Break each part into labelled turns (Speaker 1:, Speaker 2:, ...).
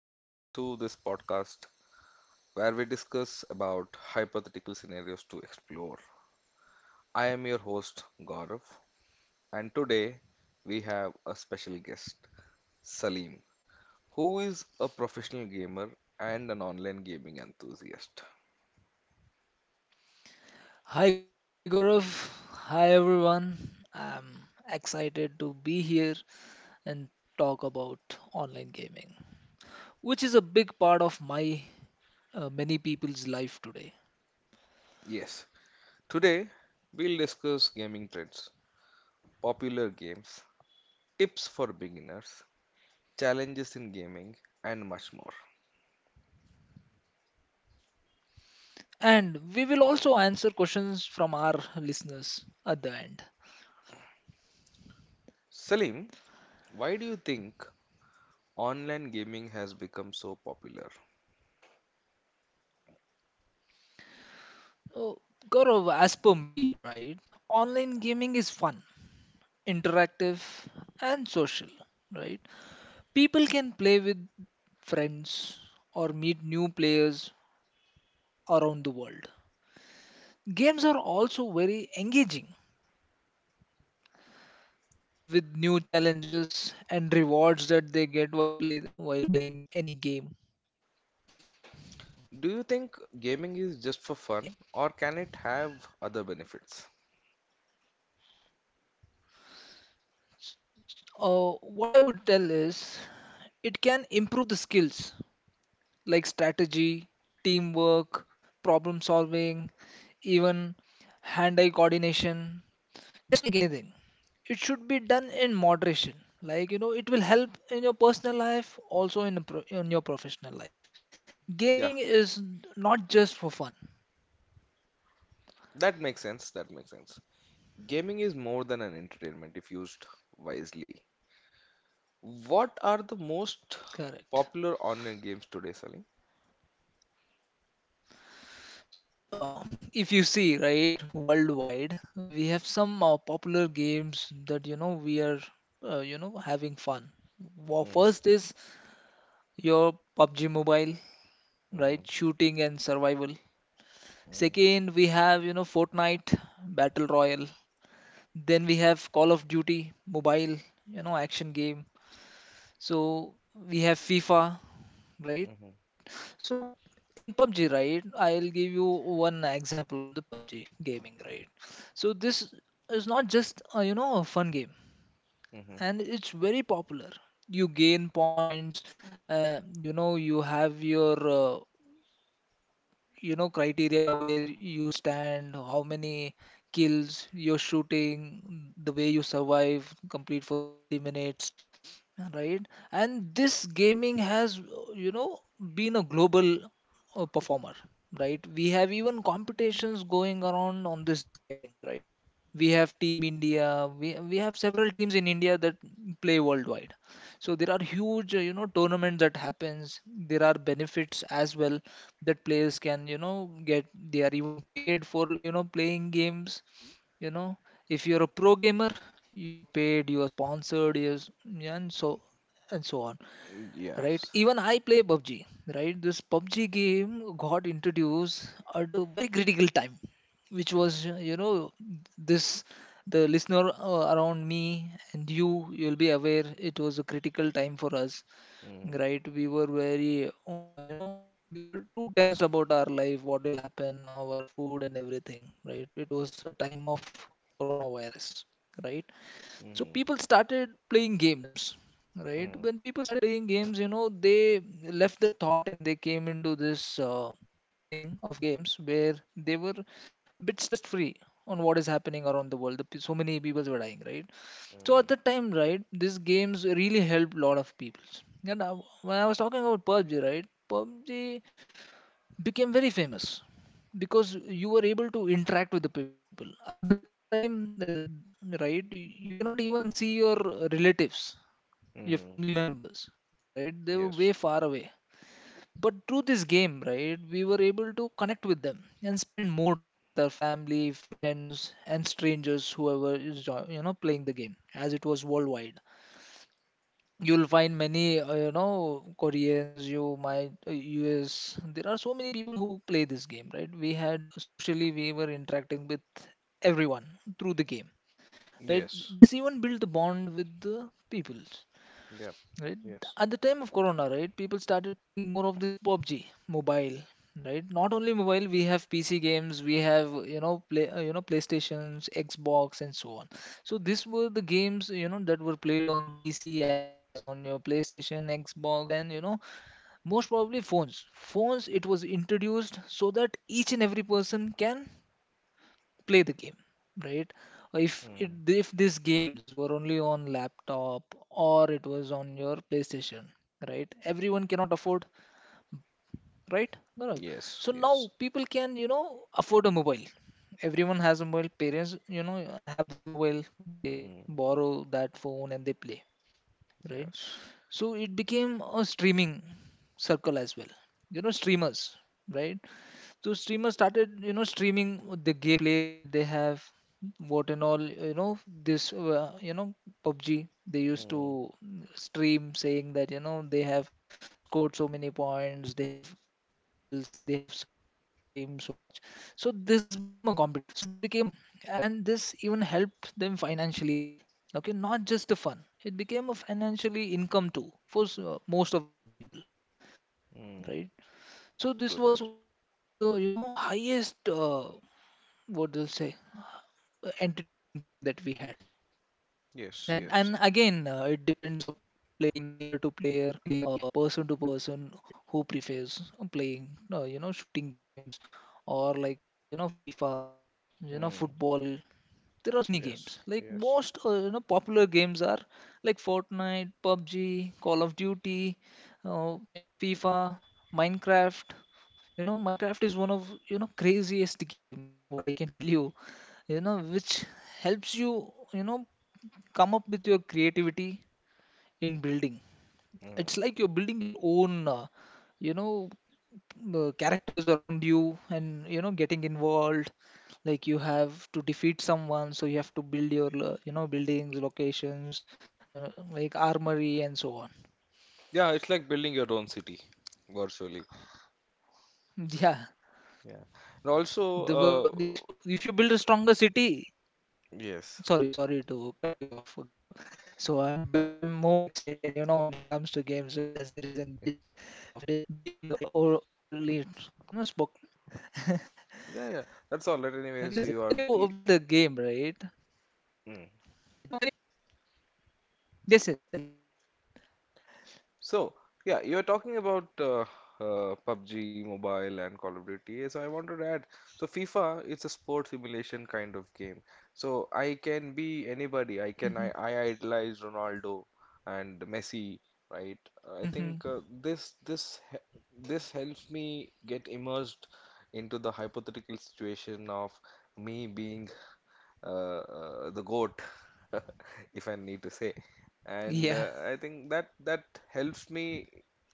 Speaker 1: welcome to this podcast where we discuss about hypothetical scenarios to explore. I am your host Gaurav and today we have a special guest Salim who is a professional gamer and an online gaming enthusiast.
Speaker 2: Hi Gaurav, hi everyone. I'm excited to be here and talk about online gaming, which is a big part of my many people's life today.
Speaker 1: Yes, today we'll discuss gaming trends, popular games, tips for beginners, challenges in gaming and much more.
Speaker 2: And we will also answer questions from our listeners at the end.
Speaker 1: Salim, why do you think online gaming has become so popular.
Speaker 2: So, Gaurav, as per me, right, online gaming is fun, interactive, and social, right? People can play with friends or meet new players around the world. Games are also very engaging with new challenges and rewards that they get while playing any game.
Speaker 1: Do you think gaming is just for fun or can it have other benefits?
Speaker 2: What I would tell is it can improve the skills like strategy, teamwork, problem solving, even hand-eye coordination. Just like anything, it should be done in moderation. Like you know, it will help in your personal life, also in in your professional life.
Speaker 1: Yeah,
Speaker 2: Gaming is not just for fun.
Speaker 1: that makes sense. That makes sense. Gaming is more than an entertainment if used wisely. What are the most
Speaker 2: Correct.
Speaker 1: popular online games today, Salim?
Speaker 2: So, if you see, right, worldwide, we have some popular games that you know we are, having fun.
Speaker 1: Mhm,
Speaker 2: First is your PUBG Mobile,
Speaker 1: mhm,
Speaker 2: right, shooting and survival.
Speaker 1: mhm,
Speaker 2: Second, we have you know Fortnite Battle Royale. Then we have Call of Duty Mobile, you know, action game. So we have FIFA, right?
Speaker 1: mhm,
Speaker 2: So in PUBG, right, I'll give you one example on the PUBG gaming, right? So this is not just a fun game,
Speaker 1: mhm.
Speaker 2: and it's very popular. You gain points, you have your criteria where you stand, how many kills you're shooting, the way you survive, complete for the 30 minutes, right? And this gaming has been a global performer. Right, we have even competitions going around on this gamings. Right, we have team India. We have several teams in India that play worldwide. So there are huge tournament that happens. There are benefits as well that players can you know get. They are even paid for you know playing games, you know. If you're a pro gamer, you are paid, you are sponsored, yes, and so and so on. Right, even
Speaker 1: Yes.
Speaker 2: I play PUBG. Right, this PUBG game got introduced at a very critical time, which was
Speaker 1: Mhm,
Speaker 2: this, the listener around me and you, you'll be aware, it was a critical time for us.
Speaker 1: mhm,
Speaker 2: Right, we were very we were too tensed about our life, what will happen now, our food and everything. Right, it was a time of coronavirus, right? So people
Speaker 1: mhm,
Speaker 2: started playing games. Right, when
Speaker 1: mhm,
Speaker 2: people started playing games, you know they left the thought and they came into this thing of games where they were a bit stressed free on what is happening around the world. So many people were dying, right? So
Speaker 1: mhm,
Speaker 2: at the time, right, these games really helped a lot of people. and I, when I was talking about PUBG, right, PUBG became very famous because you were able to interact with the people at the time, uh, right? You cannot even see your relatives, your family
Speaker 1: mhm.
Speaker 2: members, right? They were way
Speaker 1: Yes.
Speaker 2: far away, but through this game, right, we were able to connect with them and spend more time with our family, friends, and strangers, whoever you know playing the game, as it was worldwide. You'll find many, Koreans, you might, US. There are so many people who play this game, right? We had socially, we were interacting with everyone through the game, right?
Speaker 1: Yes.
Speaker 2: This even built the bond with the people,
Speaker 1: Yep.
Speaker 2: right?
Speaker 1: Yes.
Speaker 2: At the time of Corona, right, people started playing more of this PUBG mobile, right? Not only mobile, we have PC games, we have you know PlayStations, Xbox, and so on. So these were the games you know that were played on PC as well as on your PlayStation, Xbox, and you know most probably phones. Phones it was introduced so that each and every person can play the game, right?
Speaker 1: Mm.
Speaker 2: If these games were only on laptop or it was on your playstation, right, everyone cannot afford, right, Gaurav?
Speaker 1: Yes.
Speaker 2: So now
Speaker 1: Yes.
Speaker 2: people can you know afford a mobile. Everyone has a mobile. Parents you know have their mobile, they
Speaker 1: Mm-hmm.
Speaker 2: borrow that phone and they play, right?
Speaker 1: Yes.
Speaker 2: So it became a streaming circle as well, you know, streamers, right? So streamers started, you know, streaming the gameplay that they have, what and all, PUBG. They used to
Speaker 1: Mm,
Speaker 2: stream saying that, you know, they have scored so many points, they have so many kills, they have survival time so much. So this became a competition, and this even helped them financially as well. Okay, not just the fun. It became a financially income too for most of the people,
Speaker 1: mm,
Speaker 2: right? So this
Speaker 1: Do
Speaker 2: was
Speaker 1: that.
Speaker 2: one of the you know highest what they'll say entertaining game that we had.
Speaker 1: Yes.
Speaker 2: Right? And
Speaker 1: Yes.
Speaker 2: again, it depends upon player to player, person to person, who prefers playing shooting games or like FIFA, you know,
Speaker 1: mm,
Speaker 2: football. There are so many
Speaker 1: Yes.
Speaker 2: games. Like
Speaker 1: Yes.
Speaker 2: most popular games are like Fortnite, PUBG, Call of Duty, FIFA, Minecraft. You know, Minecraft is one of you know craziest game what I can tell you, you know, which helps you you know come up with your creativity in building. It's
Speaker 1: mm.
Speaker 2: like you're building your own you know characters around you and you know getting involved. Like you have to defeat someone, so you have to build you know buildings, locations, like armory and so on.
Speaker 1: Yeah, it's like building your own city, virtually.
Speaker 2: Yeah.
Speaker 1: Yeah. And also, uh,
Speaker 2: If you, if you build a stronger city.
Speaker 1: yes.
Speaker 2: Sorry, sorry to cut you off, Gaurav. I'm more excited, you know, when it comes to games. That's the reason bit being o overly, you know, spoken.
Speaker 1: Yeah, yeah. That's all. But anyways,
Speaker 2: Okay,
Speaker 1: you
Speaker 2: so
Speaker 1: are
Speaker 2: when
Speaker 1: the
Speaker 2: you build a game, right?
Speaker 1: Mm.
Speaker 2: Yes, yes, tell me.
Speaker 1: So, yeah, you're talking about PUBG Mobile and Call of Duty. So I wanted to add, so FIFA, it's a sport simulation kind of game. So I can be anybody. I can I,
Speaker 2: Mm-hmm.
Speaker 1: I idolize Ronaldo and Messi, right? I think
Speaker 2: Hmm.
Speaker 1: this helps me get immersed into the hypothetical situation of me being uh, the goat, if I need to say. And
Speaker 2: Yeah.
Speaker 1: I think that helps me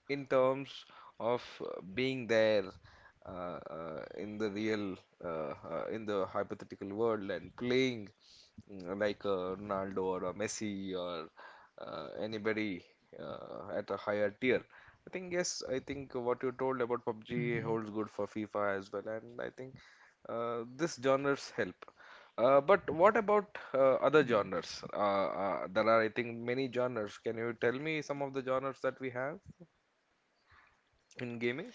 Speaker 1: in terms of being there in the real, in the hypothetical world and playing like a Ronaldo or a Messi or anybody at a higher tier. I think yes, I think what you told about
Speaker 2: Hmm.
Speaker 1: PUBG holds good for FIFA as well, and I think this genres help. But what about other genres? There are, I think, many genres. Can you tell me some of the genres that we have in gaming?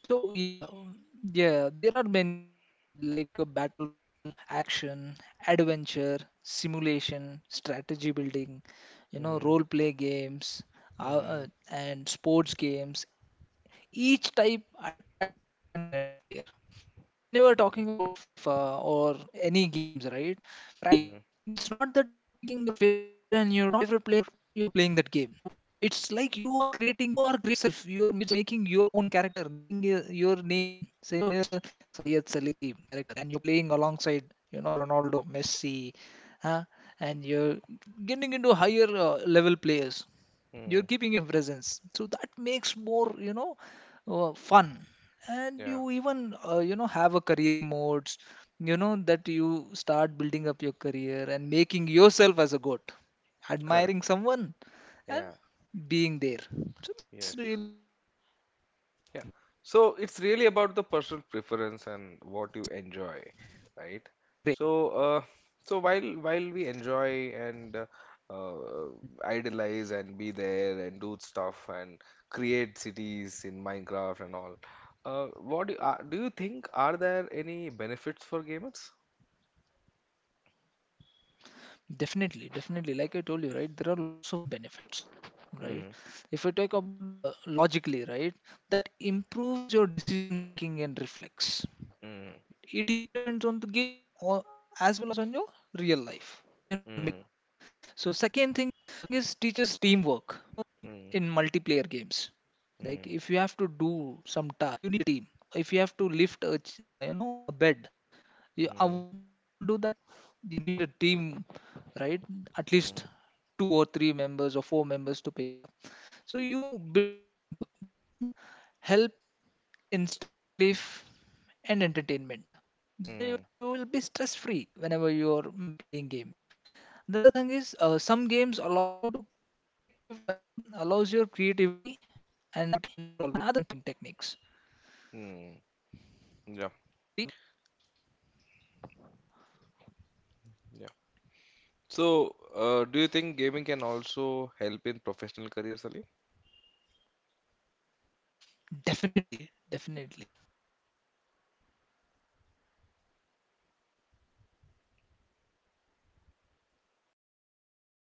Speaker 2: So yeah, yeah, there are many, okay, like battle royale, action, adventure, simulation, strategy building, you know,
Speaker 1: Mm-hmm.
Speaker 2: role play games,
Speaker 1: Mm-hmm.
Speaker 2: and sports games, each type attracts a different kind of player. So when you are talking about FIFA or any games, right, it's not that you are picking your favorite player and you're you know you're playing that game. It's like you are creating yourself, you are making your own character, naming your name, say Sayed Salim character, and you're playing alongside you know Ronaldo, Messi, huh? And you're getting into higher level players,
Speaker 1: Mm-hmm.
Speaker 2: you're giving your presence, so that makes more you know fun. And
Speaker 1: Yeah.
Speaker 2: you even have a career modes, you know, that you start building up your career and making yourself as a goat, admiring
Speaker 1: Correct.
Speaker 2: someone and
Speaker 1: Yeah.
Speaker 2: being there. So that's
Speaker 1: Yes.
Speaker 2: really great.
Speaker 1: Yeah. So it's really about the personal preference and what you enjoy, right? So, so while we
Speaker 2: Mhm.
Speaker 1: enjoy and uh, idolize and be there and do stuff and create cities in Minecraft and all, what do you think are there any benefits for gamers?
Speaker 2: Definitely, definitely. Like I told you, right, there are lots of benefits, right?
Speaker 1: Mm,
Speaker 2: If you talk about logically, right, that improves your decision making and reflex,
Speaker 1: mm,
Speaker 2: right? It implements on the game or as well as on your real life,
Speaker 1: mm,
Speaker 2: right? So second thing is teaches teamwork in
Speaker 1: mm,
Speaker 2: multiplayer games. Like if you
Speaker 1: mm,
Speaker 2: have to do some task, you need a team. If you have to you know a bed,
Speaker 1: mm,
Speaker 2: one person cannot do that. You need a team, right? At least
Speaker 1: mm,
Speaker 2: two or three members or four members to pick it up. So you build this teamwork. Then help in stress relief and entertainment. So you
Speaker 1: mm,
Speaker 2: will be stress free whenever you are playing games. The other thing is some games allow you to creative allows your creativity and problem solving techniques.
Speaker 1: mm. Yeah, yeah, so, do you think gaming can also help in professional careers, Ali?
Speaker 2: Definitely, definitely. Like I told you right earlier, so in the time of COVID, so people started playing this game and they even became streamers and they